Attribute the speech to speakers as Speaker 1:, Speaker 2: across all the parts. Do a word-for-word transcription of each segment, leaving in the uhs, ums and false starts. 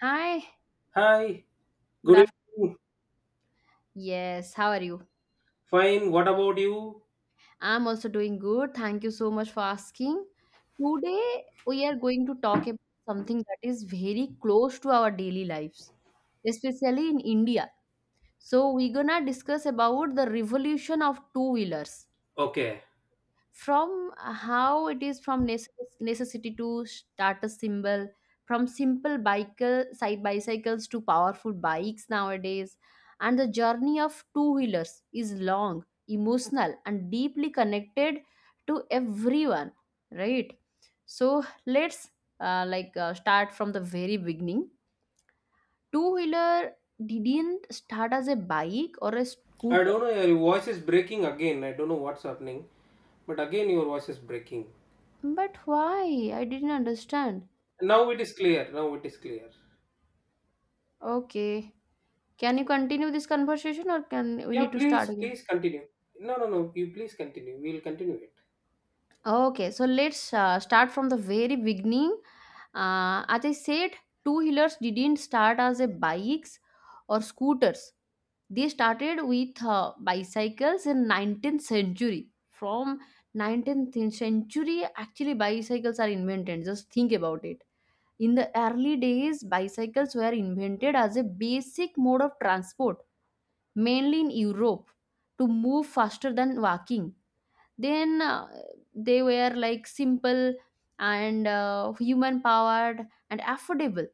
Speaker 1: Hi,
Speaker 2: Hi,
Speaker 1: good
Speaker 2: good
Speaker 1: afternoon.
Speaker 2: evening.
Speaker 1: Yes, how are you?
Speaker 2: Fine, what about you?
Speaker 1: I'm also doing good. Thank you so much for asking. Today, we are going to talk about something that is very close to our daily lives, especially in India. So, we're gonna discuss about the revolution of two wheelers,
Speaker 2: Okay.
Speaker 1: from uh, how it is from necess- necessity to status symbol, from simple bicycle side bicycles to powerful bikes nowadays. And the journey of two wheelers is long, emotional, and deeply connected to everyone, right? So let's uh, like uh, start from the very beginning. Two wheeler didn't start as a bike or a
Speaker 2: I
Speaker 1: scooter.
Speaker 2: don't know, your voice is breaking again. I don't know what's happening, but again, your voice is breaking.
Speaker 1: But why, I didn't understand.
Speaker 2: Now it is clear. Now it is clear.
Speaker 1: Okay. Can you continue this conversation or can we
Speaker 2: Yeah,
Speaker 1: need to start
Speaker 2: please,
Speaker 1: again?
Speaker 2: please continue. No, no, no, you please continue. We'll continue it.
Speaker 1: Okay, so let's uh, start from the very beginning. Uh, as I said, two wheelers didn't start as a bikes or scooters. They started with uh, bicycles in nineteenth century. From nineteenth century, actually bicycles are invented. Just think about it. In the early days, bicycles were invented as a basic mode of transport, mainly in Europe, to move faster than walking. Then uh, they were like simple and uh, human powered and affordable.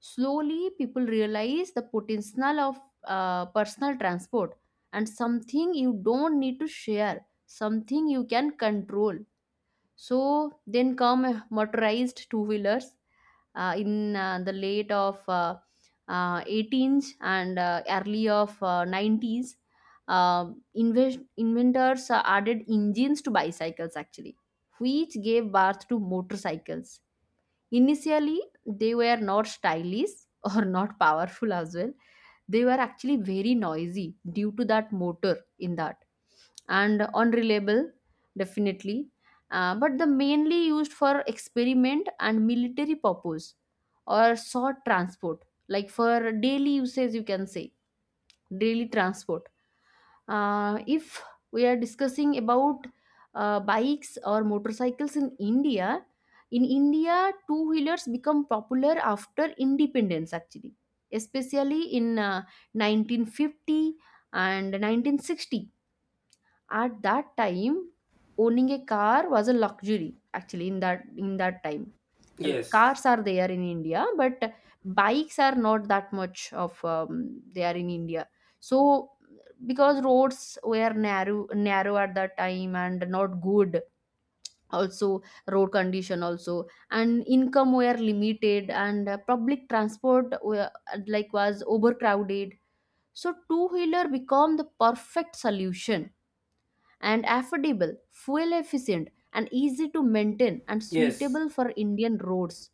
Speaker 1: Slowly, people realize the potential of uh, personal transport, and something you don't need to share, something you can control. So then come uh, motorized two wheelers uh, in uh, the late of uh, uh, eighteenth and uh, early of uh, nineties. Uh, invest- inventors uh, added engines to bicycles actually, which gave birth to motorcycles. Initially, they were not stylish or not powerful as well. They were actually very noisy due to that motor in that, and unreliable, definitely. Uh, but the mainly used for experiment and military purpose, or short transport, like for daily usage, you can say daily transport. Uh, if we are discussing about uh, bikes or motorcycles in India, in India, two wheelers become popular after independence, actually, especially in uh, nineteen fifty and nineteen sixty. At that time, owning a car was a luxury. Actually, in that in that time, L-
Speaker 2: Yes,
Speaker 1: cars are there in India, but bikes are not that much of um, they in India. So because roads were narrow narrow at that time, and not good also, road condition also, and income were limited, and uh, public transport were, like was, overcrowded. So two wheeler become the perfect solution, and affordable, fuel efficient, and easy to maintain and
Speaker 2: yes,
Speaker 1: suitable for Indian roads.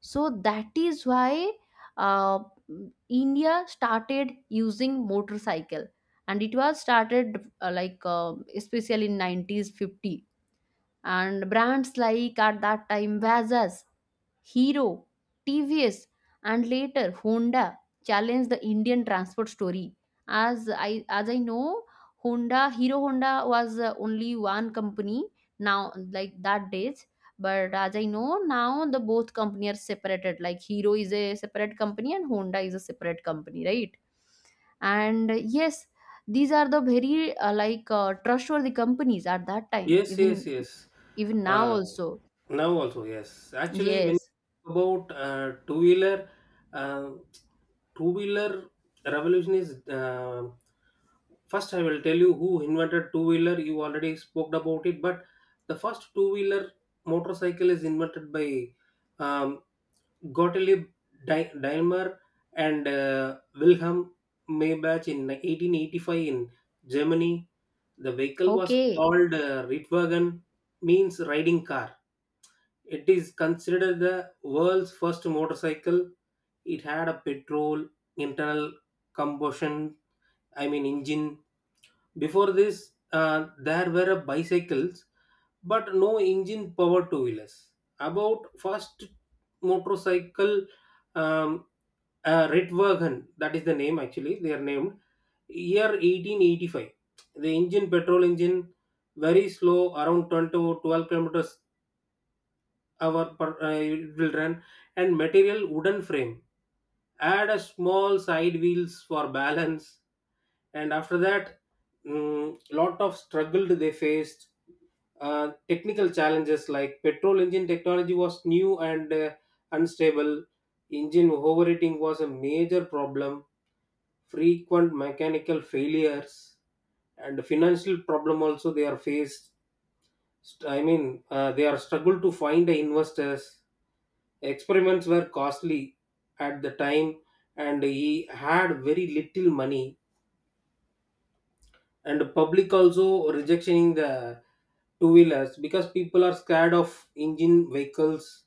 Speaker 1: So that is why uh, India started using motorcycle, and it was started uh, like uh, especially in nineties fifty, and brands like at that time Vazas, Hero, T V S, and later Honda challenged the Indian transport story. As I as I know, Honda Hero Honda was uh, only one company now, like that days. But as I know now, the both company are separated. Like Hero is a separate company and Honda is a separate company, right? and uh, yes these are the very uh, like uh, trustworthy companies at that time
Speaker 2: yes, yes,
Speaker 1: even,
Speaker 2: yes.
Speaker 1: even now
Speaker 2: Uh,
Speaker 1: also,
Speaker 2: Now also, yes. Actually, when you
Speaker 1: yes.
Speaker 2: talk about uh, two wheeler, uh, two wheeler revolution is uh, first. I will tell you who invented two wheeler. You already spoke about it, but the first two wheeler motorcycle is invented by um, Gottlieb Dai- Daimler and uh, Wilhelm Maybach in eighteen eighty-five in Germany. The vehicle was
Speaker 1: Okay.
Speaker 2: called uh, Rittwagen, means riding car. It is considered the world's first motorcycle. It had a petrol internal combustion, I mean engine. Before this, uh, there were a bicycles, but no engine powered two wheelers. About first motorcycle, um, uh, Ritwagen, that is the name actually. They are named year eighteen eighty-five. The engine petrol engine very slow, around twenty to twelve kilometers our per- uh, it will run, and material wooden frame add a small side wheels for balance. And after that, mm, lot of struggled they faced, uh, technical challenges like petrol engine technology was new and uh, unstable, engine overheating was a major problem, frequent mechanical failures, and financial problem also they are faced. St- I mean, uh, they are struggled to find the investors. Experiments were costly at the time, and he had very little money. And the public also rejecting the two wheelers because people are scared of engine vehicles,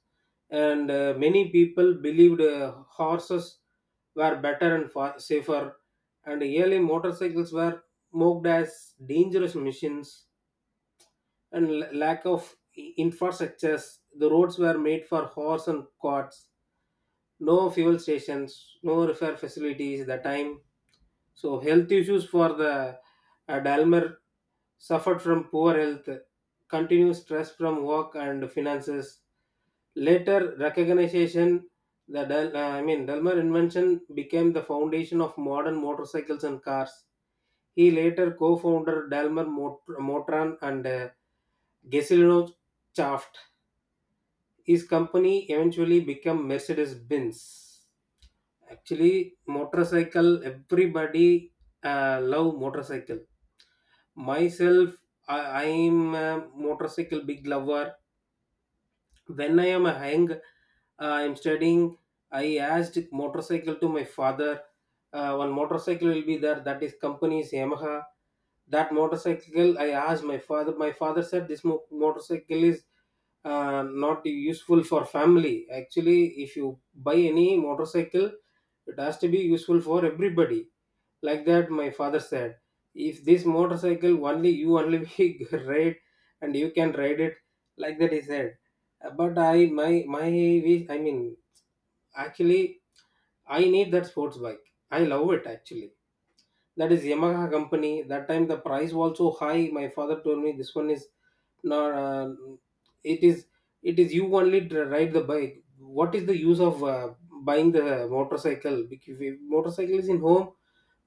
Speaker 2: and uh, many people believed uh, horses were better and far safer. And early motorcycles were mocked as dangerous machines, and l- lack of i- infrastructures. The roads were made for horse and carts. No fuel stations, no repair facilities at the time. So health issues for the uh, Dalmer suffered from poor health, continuous stress from work and finances. Later recognition, the Del- uh, I mean, Delmer invention became the foundation of modern motorcycles and cars. He later co-founded Dalmer Mot- Motran and uh, Gesellino. His company eventually became Mercedes-Benz. Actually, motorcycle, everybody uh, love motorcycle. Myself, I am a motorcycle big lover. When I am a young, I am studying. I asked motorcycle to my father. Uh, one motorcycle will be there. That is company's Yamaha. That motorcycle I asked my father. My father said this mo- motorcycle is uh, not useful for family. Actually, if you buy any motorcycle, it has to be useful for everybody, like that, my father said. If this motorcycle only, you only we ride and you can ride it. Like that, he said. Uh, But I, my, my, wish- I mean, actually, I need that sports bike. I love it actually, that is Yamaha company. That time the price was so high. My father told me this one is not. Uh, it is, it is you only dri- ride the bike. What is the use of uh, buying the motorcycle? Because if motorcycle is in home,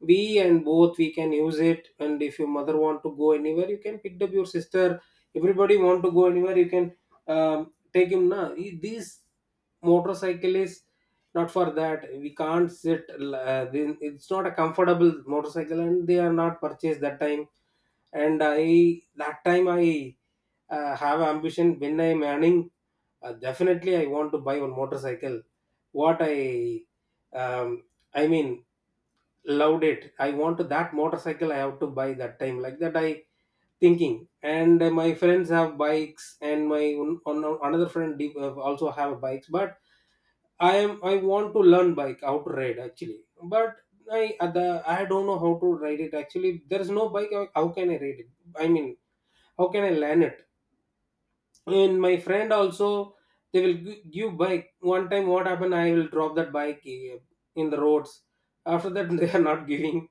Speaker 2: we and both we can use it. And if your mother want to go anywhere, you can pick up your sister. Everybody want to go anywhere, you can um, take him. Now these motorcyclists not for that, we can't sit. Uh, then it's not a comfortable motorcycle and they are not purchased that time. And I that time I uh, have ambition when I'm earning, uh, definitely I want to buy one motorcycle. What I um, I mean, loved it, I want to that motorcycle I have to buy that time, like that I thinking. And uh, my friends have bikes and my one, one- another friend uh, also have bikes, but I am I want to learn bike how to ride actually. But I uh, the I don't know how to ride it actually. There is no bike. How how can I ride it? I mean, how can I learn it? And my friend also, they will gi- give bike. One time, what happened? I will drop that bike uh, in the roads. After that, they are not giving.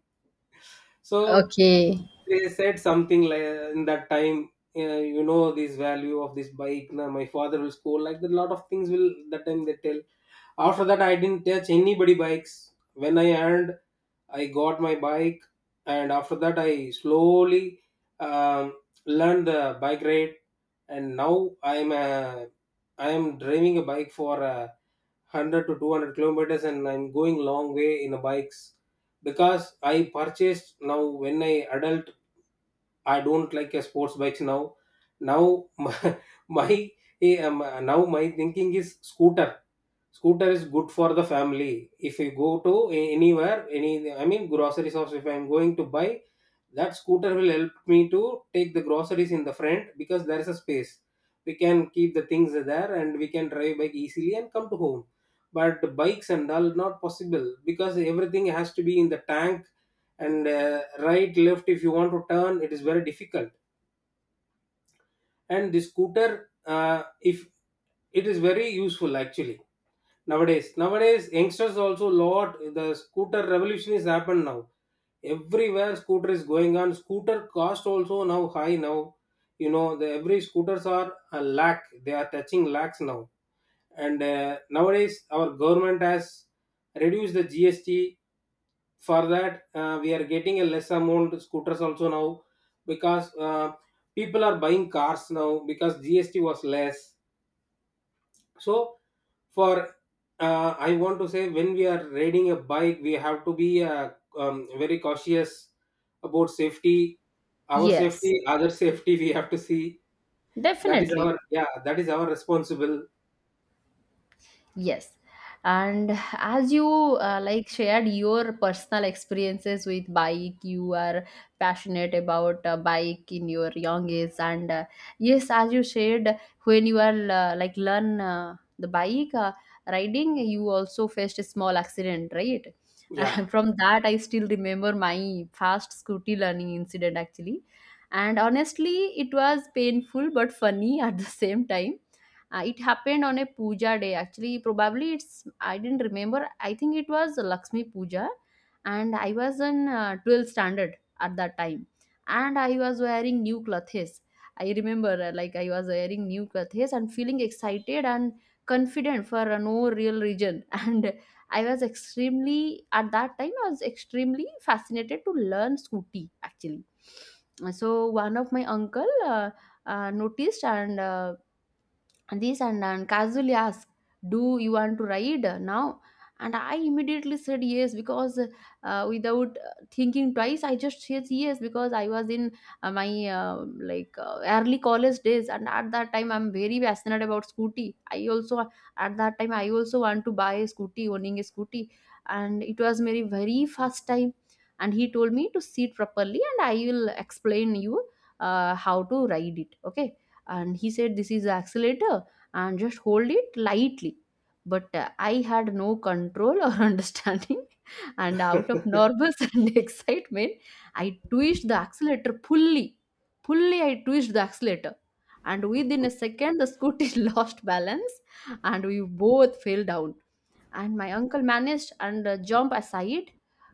Speaker 2: So
Speaker 1: Okay.
Speaker 2: they said something like in that time. Uh, you know this value of this bike. Now my father will score like that, lot of things will that time they tell. After that, I didn't touch anybody bikes. When I earned, I got my bike, and after that, I slowly um, learned the bike ride. And now I'm uh, i I'm driving a bike for uh, one hundred to two hundred kilometers, and I'm going long way in a bikes because I purchased now when I adult, I don't like a sports bikes now. Now my, my eh, um, now my thinking is scooter. Scooter is good for the family. If you go to a- anywhere, any I mean grocery shops, if I'm going to buy, that scooter will help me to take the groceries in the front because there is a space. We can keep the things there and we can drive bike easily and come to home. But bikes and all not possible because everything has to be in the tank, and uh, right left if you want to turn, it is very difficult. And the scooter uh, if it is very useful actually. Nowadays nowadays youngsters also lot, the scooter revolution is happened now. Everywhere scooter is going on, scooter cost also now high now. You know, the every scooters are a lakh, they are touching lakhs now. And uh, nowadays our government has reduced the GST. For that, uh, we are getting a less amount scooters also now, because uh, people are buying cars now because GST was less. So for uh, I want to say, when we are riding a bike, we have to be uh, um, very cautious about safety, our
Speaker 1: Yes,
Speaker 2: safety, other safety we have to see. That is
Speaker 1: definitely.
Speaker 2: our, yeah, that is our responsible.
Speaker 1: Yes. And as you uh, like shared your personal experiences with bike, you are passionate about uh, bike in your young age. And uh, yes, as you shared, when you are uh, like learn uh, the bike uh, riding, you also faced a small accident, right?
Speaker 2: Yeah.
Speaker 1: From that, I still remember my fast scooty learning incident actually. And honestly, it was painful but funny at the same time. Uh, it happened on a puja day actually. Probably it's, I didn't remember, I think it was Lakshmi Puja. And I was in uh, twelfth standard at that time, and I was wearing new clothes. I remember uh, like I was wearing new clothes and feeling excited and confident for uh, no real reason. And I was extremely, at that time I was extremely fascinated to learn scooty actually. So one of my uncle uh, uh, noticed and uh, and this and, and casually asked, do you want to ride now? And I immediately said yes, because uh, without uh, thinking twice I just said yes. Because I was in uh, my uh, like uh, early college days, and at that time I'm very passionate about scooty. I also, at that time I also want to buy a scooty, owning a scooty. And it was my very first time. And he told me to sit properly, and I will explain you uh, how to ride it, okay. And he said, this is the accelerator, and just hold it lightly. But uh, I had no control or understanding, and out of nervous and excitement, I twitched the accelerator fully. Fully, I twitched the accelerator. And within a second, the scooter lost balance and we both fell down. And my uncle managed and uh, jump aside,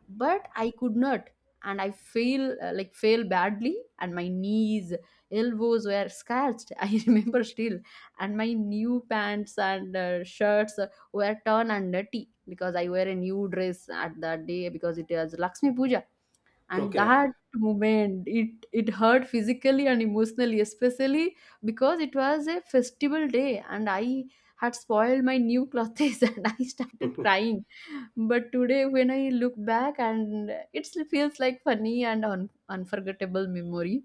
Speaker 1: but I could not. And I fell, uh, like fell badly, and my knees, elbows were scratched. I remember still. And my new pants and uh, shirts uh, were torn and dirty, because I wear a new dress at that day because it was Lakshmi Puja. And
Speaker 2: Okay.
Speaker 1: that moment, it it hurt physically and emotionally, especially because it was a festival day and I had spoiled my new clothes, and I started crying. But today, when I look back, and it feels like funny and un- unforgettable memory,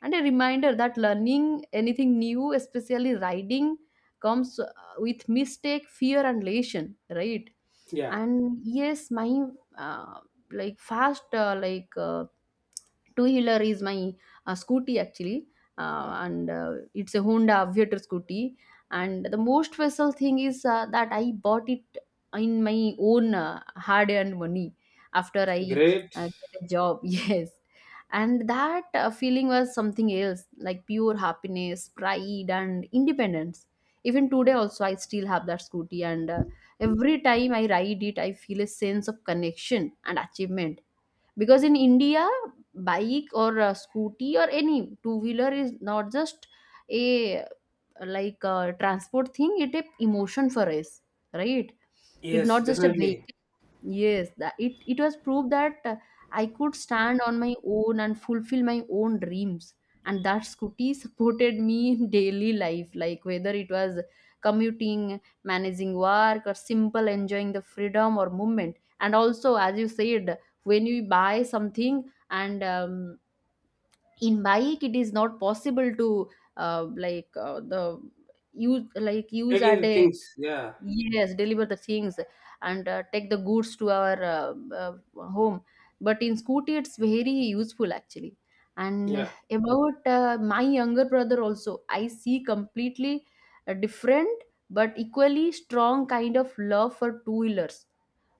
Speaker 1: and a reminder that learning anything new, especially riding, comes uh, with mistake, fear and elation, right?
Speaker 2: Yeah.
Speaker 1: And yes, my uh, like fast uh, like uh, two wheeler is my uh, scooty actually. Uh, and uh, it's a Honda Aviator scooty. And the most special thing is uh, that I bought it in my own uh, hard earned money after I
Speaker 2: Great.
Speaker 1: uh, get a job. Yes. And that uh, feeling was something else, like pure happiness, pride and independence. Even today also, I still have that scooty. And uh, Every time I ride it, I feel a sense of connection and achievement. Because in India, bike or a scooty or any two wheeler is not just a uh, like a transport thing; it a emotion for us, right? It's
Speaker 2: Yes,
Speaker 1: not just a
Speaker 2: definitely.
Speaker 1: vehicle. Yes, that it, it was proof that uh, I could stand on my own and fulfill my own dreams. And that scooty supported me in daily life, like whether it was commuting, managing work, or simple enjoying the freedom or movement. And also, as you said, when you buy something and um, in bike, it is not possible to uh, like uh, the use like use
Speaker 2: Taking
Speaker 1: at
Speaker 2: the
Speaker 1: a,
Speaker 2: things, yeah.
Speaker 1: yes, deliver the things and uh, take the goods to our uh, uh, home. But in scooty, it's very useful actually. And
Speaker 2: Yeah.
Speaker 1: about uh, my younger brother also, I see completely uh, different but equally strong kind of love for two wheelers.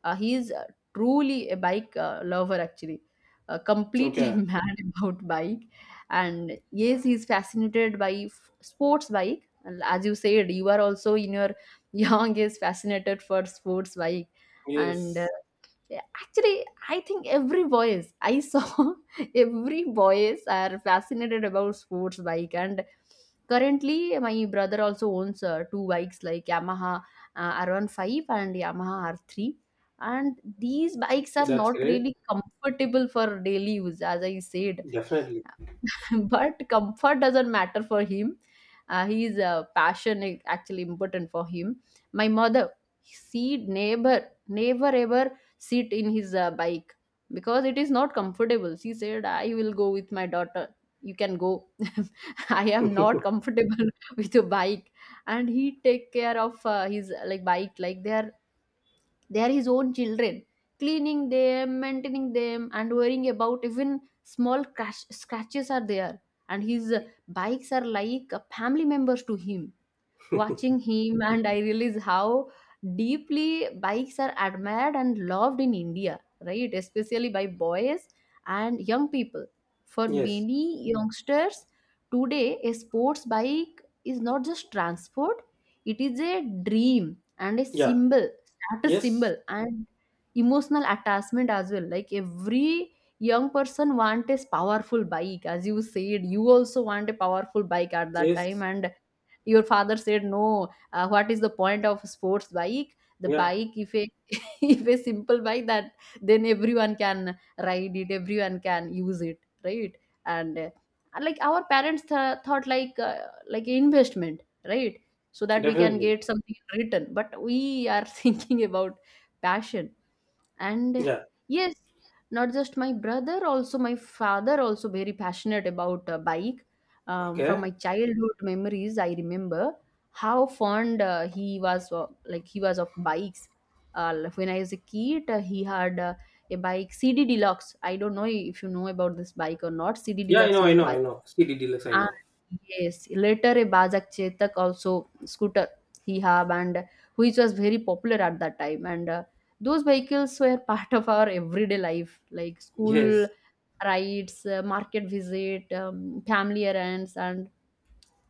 Speaker 1: Uh, he is uh, truly a bike uh, lover, actually, uh, completely
Speaker 2: Okay.
Speaker 1: mad about bike. And yes, he's fascinated by f- sports bike. And as you said, you are also in your young age fascinated for sports bike. And uh,
Speaker 2: Yes,
Speaker 1: yeah, actually, I think every boys I saw, every boys are fascinated about sports bike. And currently, my brother also owns uh, two bikes like Yamaha uh, R fifteen and Yamaha R three, and these bikes are
Speaker 2: that's
Speaker 1: not
Speaker 2: great.
Speaker 1: really comfortable for daily use, as I said.
Speaker 2: Definitely.
Speaker 1: But comfort doesn't matter for him. Uh, his uh, passion is actually important for him. My mother, she never, never ever sit in his uh, bike, because it is not comfortable. She said, I will go with my daughter, you can go. I am not comfortable with a bike. And he take care of uh, his uh, like bike, like they are, they are his own children, cleaning them, maintaining them and worrying about even small crash, scratches are there. And his uh, bikes are like uh, family members to him. Watching him, and I realize how deeply bikes are admired and loved in India, right, especially by boys and young people. For
Speaker 2: Yes.
Speaker 1: many youngsters today, a sports bike is not just transport, it is a dream and a
Speaker 2: Yeah.
Speaker 1: symbol, status
Speaker 2: Yes.
Speaker 1: symbol, and emotional attachment as well. Like every young person want a powerful bike. As you said, you also want a powerful bike at that time,
Speaker 2: Yes.
Speaker 1: and your father said no. Uh, what is the point of sports bike, the
Speaker 2: Yeah.
Speaker 1: bike, if a if a simple bike, that then everyone can ride it, everyone can use it, right? And uh, like our parents th- thought like uh, like investment, right, so that we can
Speaker 2: Definitely.
Speaker 1: get something in return. But we are thinking about passion. And
Speaker 2: Yeah.
Speaker 1: yes, not just my brother, also my father also very passionate about uh, bike. Um, from
Speaker 2: Okay.
Speaker 1: my childhood memories, I remember how fond uh, he was uh, like he was of bikes. uh, like when I was a kid, uh, he had uh, a bike, CD Deluxe. I don't know if you know about this bike or not. CD
Speaker 2: Yeah, I
Speaker 1: Deluxe
Speaker 2: know, I
Speaker 1: is a
Speaker 2: know, I
Speaker 1: bike.
Speaker 2: know. C D Deluxe, I
Speaker 1: Ah,
Speaker 2: know.
Speaker 1: yes. Later, a Bajak Chetak also scooter he have and which was very popular at that time. And uh, those vehicles were part of our everyday life, like school
Speaker 2: Yes.
Speaker 1: rides, uh, market visit, um, family errands, and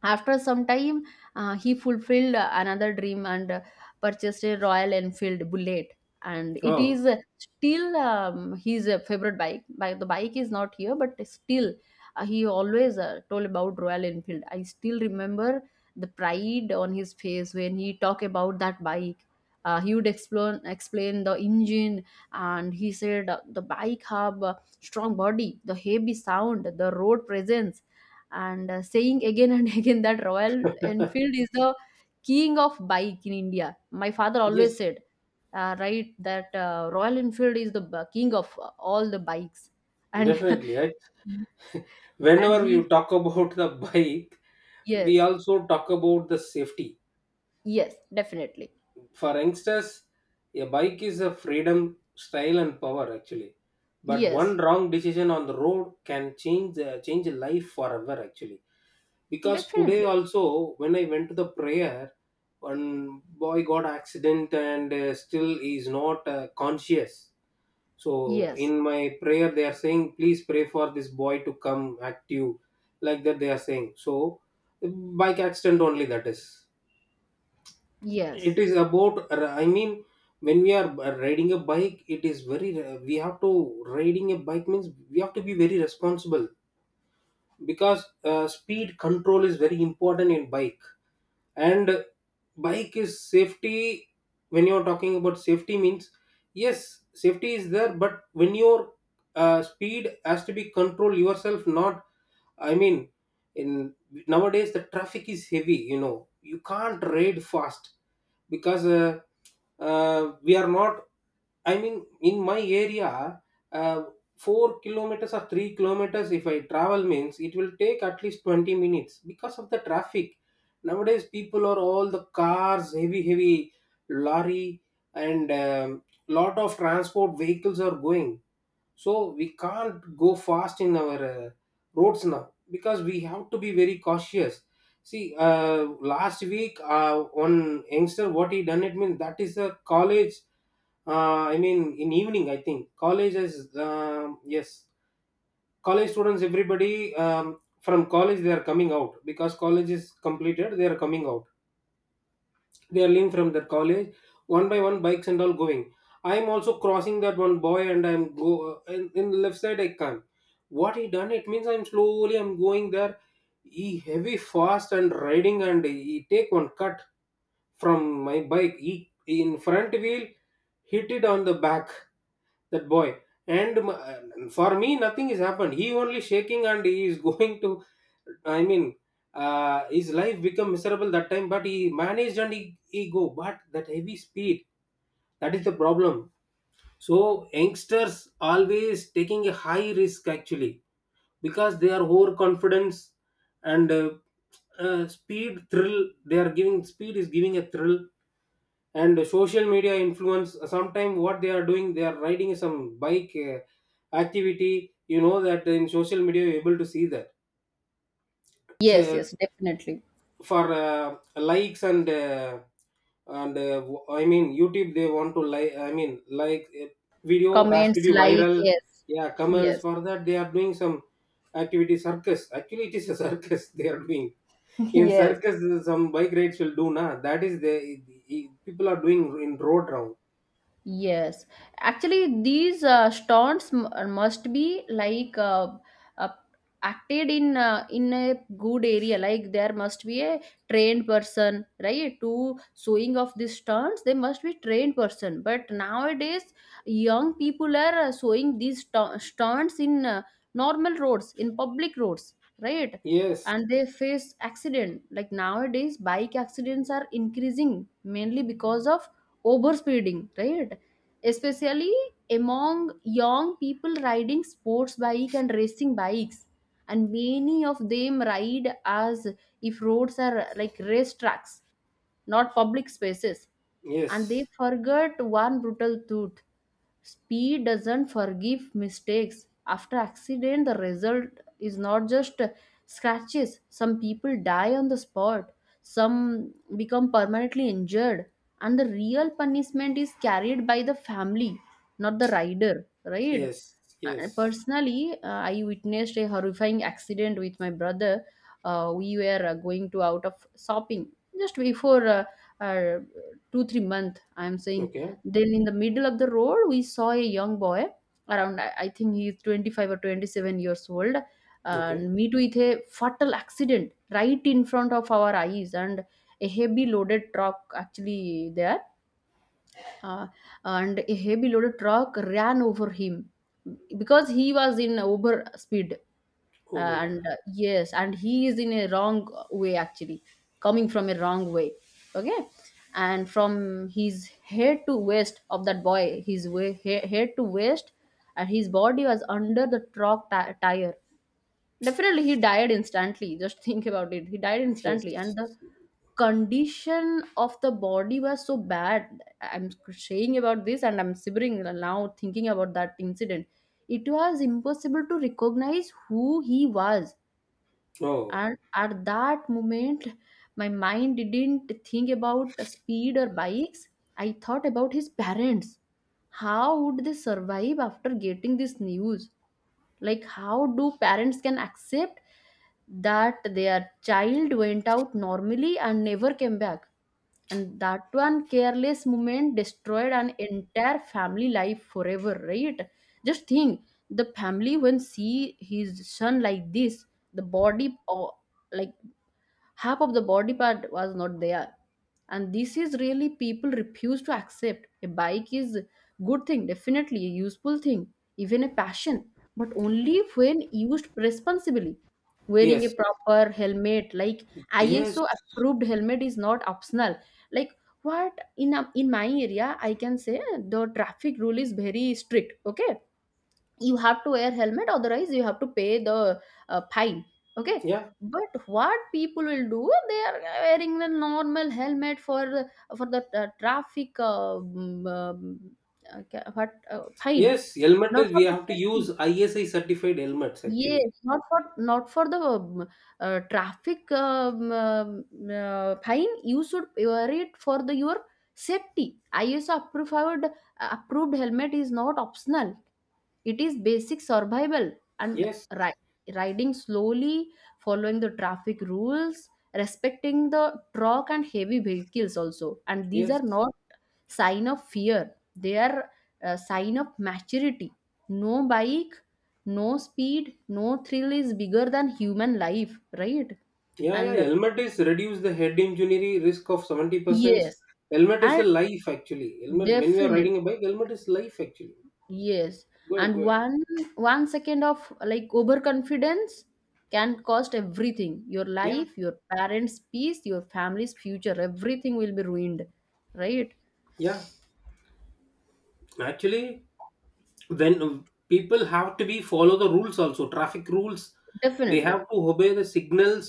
Speaker 1: after some time, uh, he fulfilled uh, another dream and uh, purchased a Royal Enfield Bullet. And it
Speaker 2: Oh.
Speaker 1: is uh, still um, his uh, favorite bike. By the bike is not here, but still uh, he always uh, told about Royal Enfield. I still remember the pride on his face when he talked about that bike. Uh, he would explain explain the engine, and he said uh, the bike have a strong body, the heavy sound, the road presence and uh, saying again and again that Royal Enfield is the king of bike in India. My father always
Speaker 2: yes.
Speaker 1: said, uh, right, that uh, Royal Enfield is the b- king of uh, all the bikes, and
Speaker 2: Definitely. Right.
Speaker 1: and
Speaker 2: Whenever we
Speaker 1: he.
Speaker 2: talk about the bike, we
Speaker 1: Yes.
Speaker 2: also talk about the safety.
Speaker 1: Yes, definitely.
Speaker 2: For youngsters, a bike is a freedom, style, and power actually. But one
Speaker 1: Yes,
Speaker 2: wrong decision on the road can change the change a life forever actually. Because today
Speaker 1: definitely.
Speaker 2: also, when I went to the prayer, one boy got accident and uh, still he is not uh, conscious. So
Speaker 1: Yes.
Speaker 2: in my prayer they are saying, please pray for this boy to come active, like that they are saying. So bike accident only, that is, it
Speaker 1: Yes.
Speaker 2: is about, I mean, when we are riding a bike, it is very we have to, riding a bike means we have to be very responsible. Because uh, speed control is very important in bike. And bike is safety, when you're talking about safety means, yes safety is there, but when your uh, speed has to be control yourself, not, I mean, in nowadays the traffic is heavy, you know, you can't ride fast. Because uh, uh, we are not, I mean in my area, uh, four kilometers or three kilometers if I travel means it will take at least twenty minutes because of the traffic. Nowadays people are all the cars, heavy heavy lorry and um, lot of transport vehicles are going, so we can't go fast in our uh, roads now, because we have to be very cautious. See, uh, last week uh, one youngster, what he done, it means, that is a college, uh, I mean in evening, I think college is um, yes, college students everybody um, from college they are coming out because college is completed, they are coming out, they are leaving from their college. One by one bikes and all going, I'm also crossing that one boy, and I'm go uh, in, in the left side I can't, what he done, it means, I'm slowly I'm going there, he heavy fast and riding, and he take one cut from my bike, he in front wheel hit it on the back, that boy. And m- uh, for me nothing is happened, he only shaking and he is going to, I mean, uh, his life become miserable that time, but he managed and he, he go, but that heavy speed, that is the problem. So youngsters always taking a high risk actually, because they are overconfidence, and uh, uh, speed thrill, they are giving, speed is giving a thrill. And social media influence, sometimes what they are doing, they are riding some bike uh, activity, you know that in social media you're able to see that.
Speaker 1: Yes.
Speaker 2: So
Speaker 1: Yes, definitely.
Speaker 2: for uh, likes and uh, and uh, w- I mean YouTube, they want to like, I mean, like uh, video has to
Speaker 1: Comments,
Speaker 2: be
Speaker 1: like,
Speaker 2: viral.
Speaker 1: yes.
Speaker 2: Yeah, comments,
Speaker 1: Yes.
Speaker 2: for that they are doing some activity, circus, actually it is a circus they are doing. In
Speaker 1: Yes.
Speaker 2: circus uh, some bike rides will do na, that is the, people are doing in road round.
Speaker 1: Yes, actually, these uh, stunts m- uh, must be like uh, uh, acted in uh, in a good area. Like there must be a trained person, right? To showing of these stunts, they must be trained person. But nowadays, young people are uh, showing these stu- stunts in uh, normal roads, in public roads, right?
Speaker 2: Yes.
Speaker 1: And they face accident. Like nowadays, bike accidents are increasing mainly because of overspeeding, right, especially among young people riding sports bike and racing bikes, and many of them ride as if roads are like race tracks, not public spaces. And they
Speaker 2: Yes,
Speaker 1: forget one brutal truth. Speed doesn't forgive mistakes. After accident, the result is not just scratches. Some people die on the spot. Some become permanently injured. And the real punishment is carried by the family, not the rider, right?
Speaker 2: yes,
Speaker 1: Uh,
Speaker 2: yes.
Speaker 1: personally uh, I witnessed a horrifying accident with my brother. Uh, we were uh, going to out of shopping just before uh, uh, two three month I'm saying.
Speaker 2: Okay,
Speaker 1: Then in the middle of the road, we saw a young boy around, I I think he is twenty-five or twenty-seven years old,
Speaker 2: okay.
Speaker 1: and meet with a fatal accident right in front of our eyes, and a heavy loaded truck actually there, uh, and a heavy loaded truck ran over him because he was in over speed.
Speaker 2: Oh my
Speaker 1: uh,
Speaker 2: God.
Speaker 1: and uh, yes, and he is in a wrong way actually, coming from a wrong way, okay. And from his head to waist of that boy, his way, he- head to waist, and his body was under the truck ti- tire. Definitely, he died instantly. Just think about it. He died
Speaker 2: Yes.
Speaker 1: instantly, and the condition of the body was so bad. I'm saying about this, and I'm shivering now thinking about that incident. It was impossible to recognize who he was,
Speaker 2: Oh,
Speaker 1: and at that moment, my mind didn't think about speed or bikes. I thought about his parents. How would they survive after getting this news? Like how do parents can accept that their child went out normally and never came back, and that one careless moment destroyed an entire family life forever, right? Just think, the family when see his son like this, the body, or like half of the body part was not there. And this is really people refuse to accept. A bike is good thing, definitely a useful thing, even a passion, but only when used responsibly, wearing a
Speaker 2: yes,
Speaker 1: proper helmet. Like
Speaker 2: yes,
Speaker 1: ISO approved helmet is not optional. Like, what, in in my area, I can say, the traffic rule is very strict, okay. You have to wear helmet, otherwise you have to pay the uh, fine, okay.
Speaker 2: yeah,
Speaker 1: But what people will do, they are wearing the normal helmet for for the uh, traffic uh, um, um, uh, ca- what, uh, fine.
Speaker 2: yes. Helmet is,
Speaker 1: Not for
Speaker 2: we
Speaker 1: the
Speaker 2: have to
Speaker 1: safety.
Speaker 2: use I S I certified helmets actually.
Speaker 1: Yes, not for not for the um, uh, traffic um, um, uh, fine. You should wear it for the your safety. ISO approved approved helmet is not optional. It is basic survival. And
Speaker 2: Yes,
Speaker 1: ri- riding slowly, following the traffic rules, respecting the truck and heavy vehicles also. And these
Speaker 2: yes,
Speaker 1: are not sign of fear; they are a sign of maturity. No bike, no speed, no thrill is bigger than human life, right?
Speaker 2: yeah, yeah.
Speaker 1: And
Speaker 2: Helmet is reduce the head injury risk of seventy percent.
Speaker 1: yes,
Speaker 2: Helmet is a
Speaker 1: and
Speaker 2: life actually. Helmet, when we are
Speaker 1: definitely.
Speaker 2: riding a bike, helmet is life actually.
Speaker 1: Yes,
Speaker 2: Good,
Speaker 1: and
Speaker 2: good.
Speaker 1: one one second of like overconfidence can cost everything. Your
Speaker 2: Yeah,
Speaker 1: life, your parents' peace, your family's future, everything will be ruined, right?
Speaker 2: yeah. Actually, when uh, people have to be follow the rules also, traffic rules, they have
Speaker 1: Definitely.
Speaker 2: to obey the signals,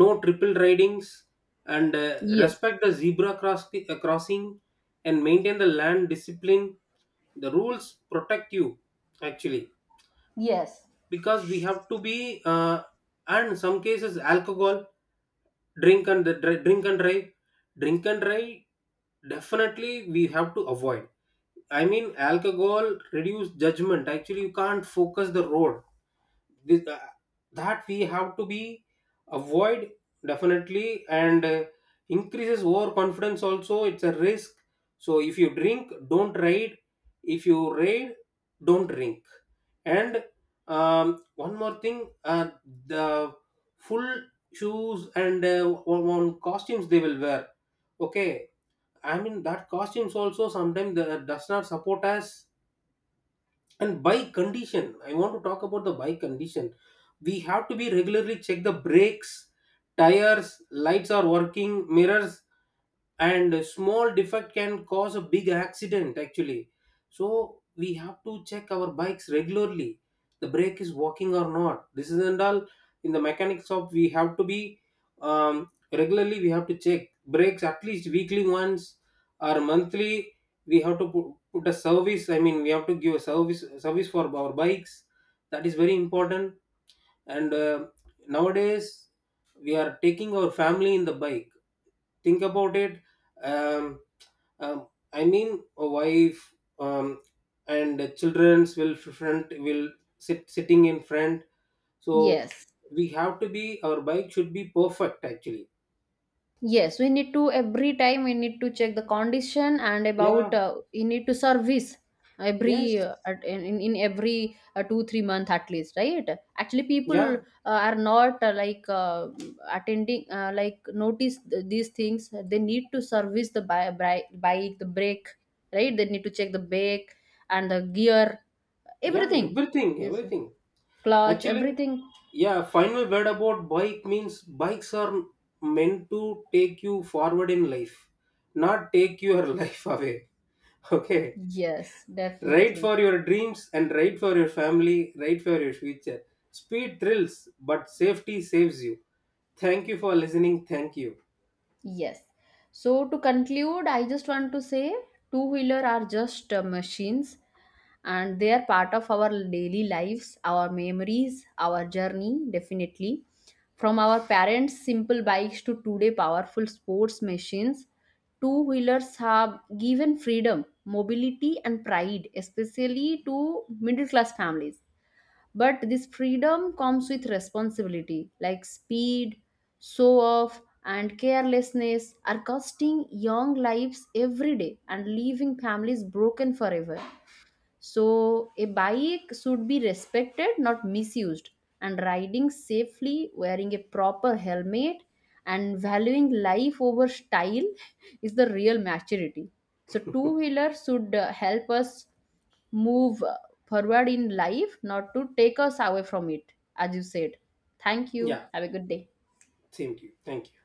Speaker 2: no triple ridings, and uh,
Speaker 1: Yes.
Speaker 2: respect the zebra cross- uh, crossing, and maintain the land discipline. The rules protect you actually,
Speaker 1: Yes.
Speaker 2: because we have to be uh, and some cases alcohol, drink and dri- drink and drive, drink and drive, definitely we have to avoid. I mean, alcohol reduce judgment actually, you can't focus the road. this, uh, that we have to be avoid definitely. And uh, increases overconfidence also, it's a risk. So if you drink, don't ride. If you ride, don't drink. And um, one more thing, uh, the full shoes and uh, on, on costumes they will wear, okay, I mean that costumes also sometimes the, does not support us. And by condition, I want to talk about the by condition, we have to be regularly check the brakes, tires, lights are working, mirrors. And a small defect can cause a big accident actually, so we have to check our bikes regularly, the brake is working or not, this isn't all, in the mechanic shop we have to be um, regularly, we have to check brakes at least weekly once or monthly. We have to put, put a service, I mean we have to give a service service for our bikes, that is very important. And uh, nowadays we are taking our family in the bike, think about it, um, um, I mean a wife, um, and the children's will f- front will sit sitting in front. So
Speaker 1: Yes.
Speaker 2: we have to be, our bike should be perfect actually.
Speaker 1: Yes, we need to. Every time we need to check the condition, and about,
Speaker 2: Yeah.
Speaker 1: uh, we need to service every
Speaker 2: Yes.
Speaker 1: uh, at, in, in in every uh, two three month at least, right. Actually people
Speaker 2: Yeah.
Speaker 1: uh, are not uh, like uh, attending uh, like notice th- these things. They need to service the bi- bri- bike, the brake, right? They need to check the brake and the gear,
Speaker 2: Yeah,
Speaker 1: everything
Speaker 2: everything,
Speaker 1: is
Speaker 2: everything
Speaker 1: clutch,
Speaker 2: actually.
Speaker 1: everything.
Speaker 2: Yeah, final word about bike means, bikes are meant to take you forward in life, not take your life away. Okay.
Speaker 1: Yes,
Speaker 2: Write
Speaker 1: definitely.
Speaker 2: for your dreams and write for your family, write for your future. Speed thrills, but safety saves you. Thank you for listening. Thank you.
Speaker 1: Yes. So to conclude, I just want to say two wheeler are just uh, machines, and they are part of our daily lives, our memories, our journey, definitely. From our parents' simple bikes to today powerful sports machines, two wheelers have given freedom, mobility and pride, especially to middle class families. But this freedom comes with responsibility. Like speed, show off and carelessness are costing young lives every day and leaving families broken forever. So, a bike should be respected, not misused. And riding safely, wearing a proper helmet, and valuing life over style is the real maturity. So, two wheeler should uh, help us move uh, forward in life, not to take us away from it, as you said. Thank you.
Speaker 2: Yeah,
Speaker 1: Have a good day.
Speaker 2: same to you. Thank you.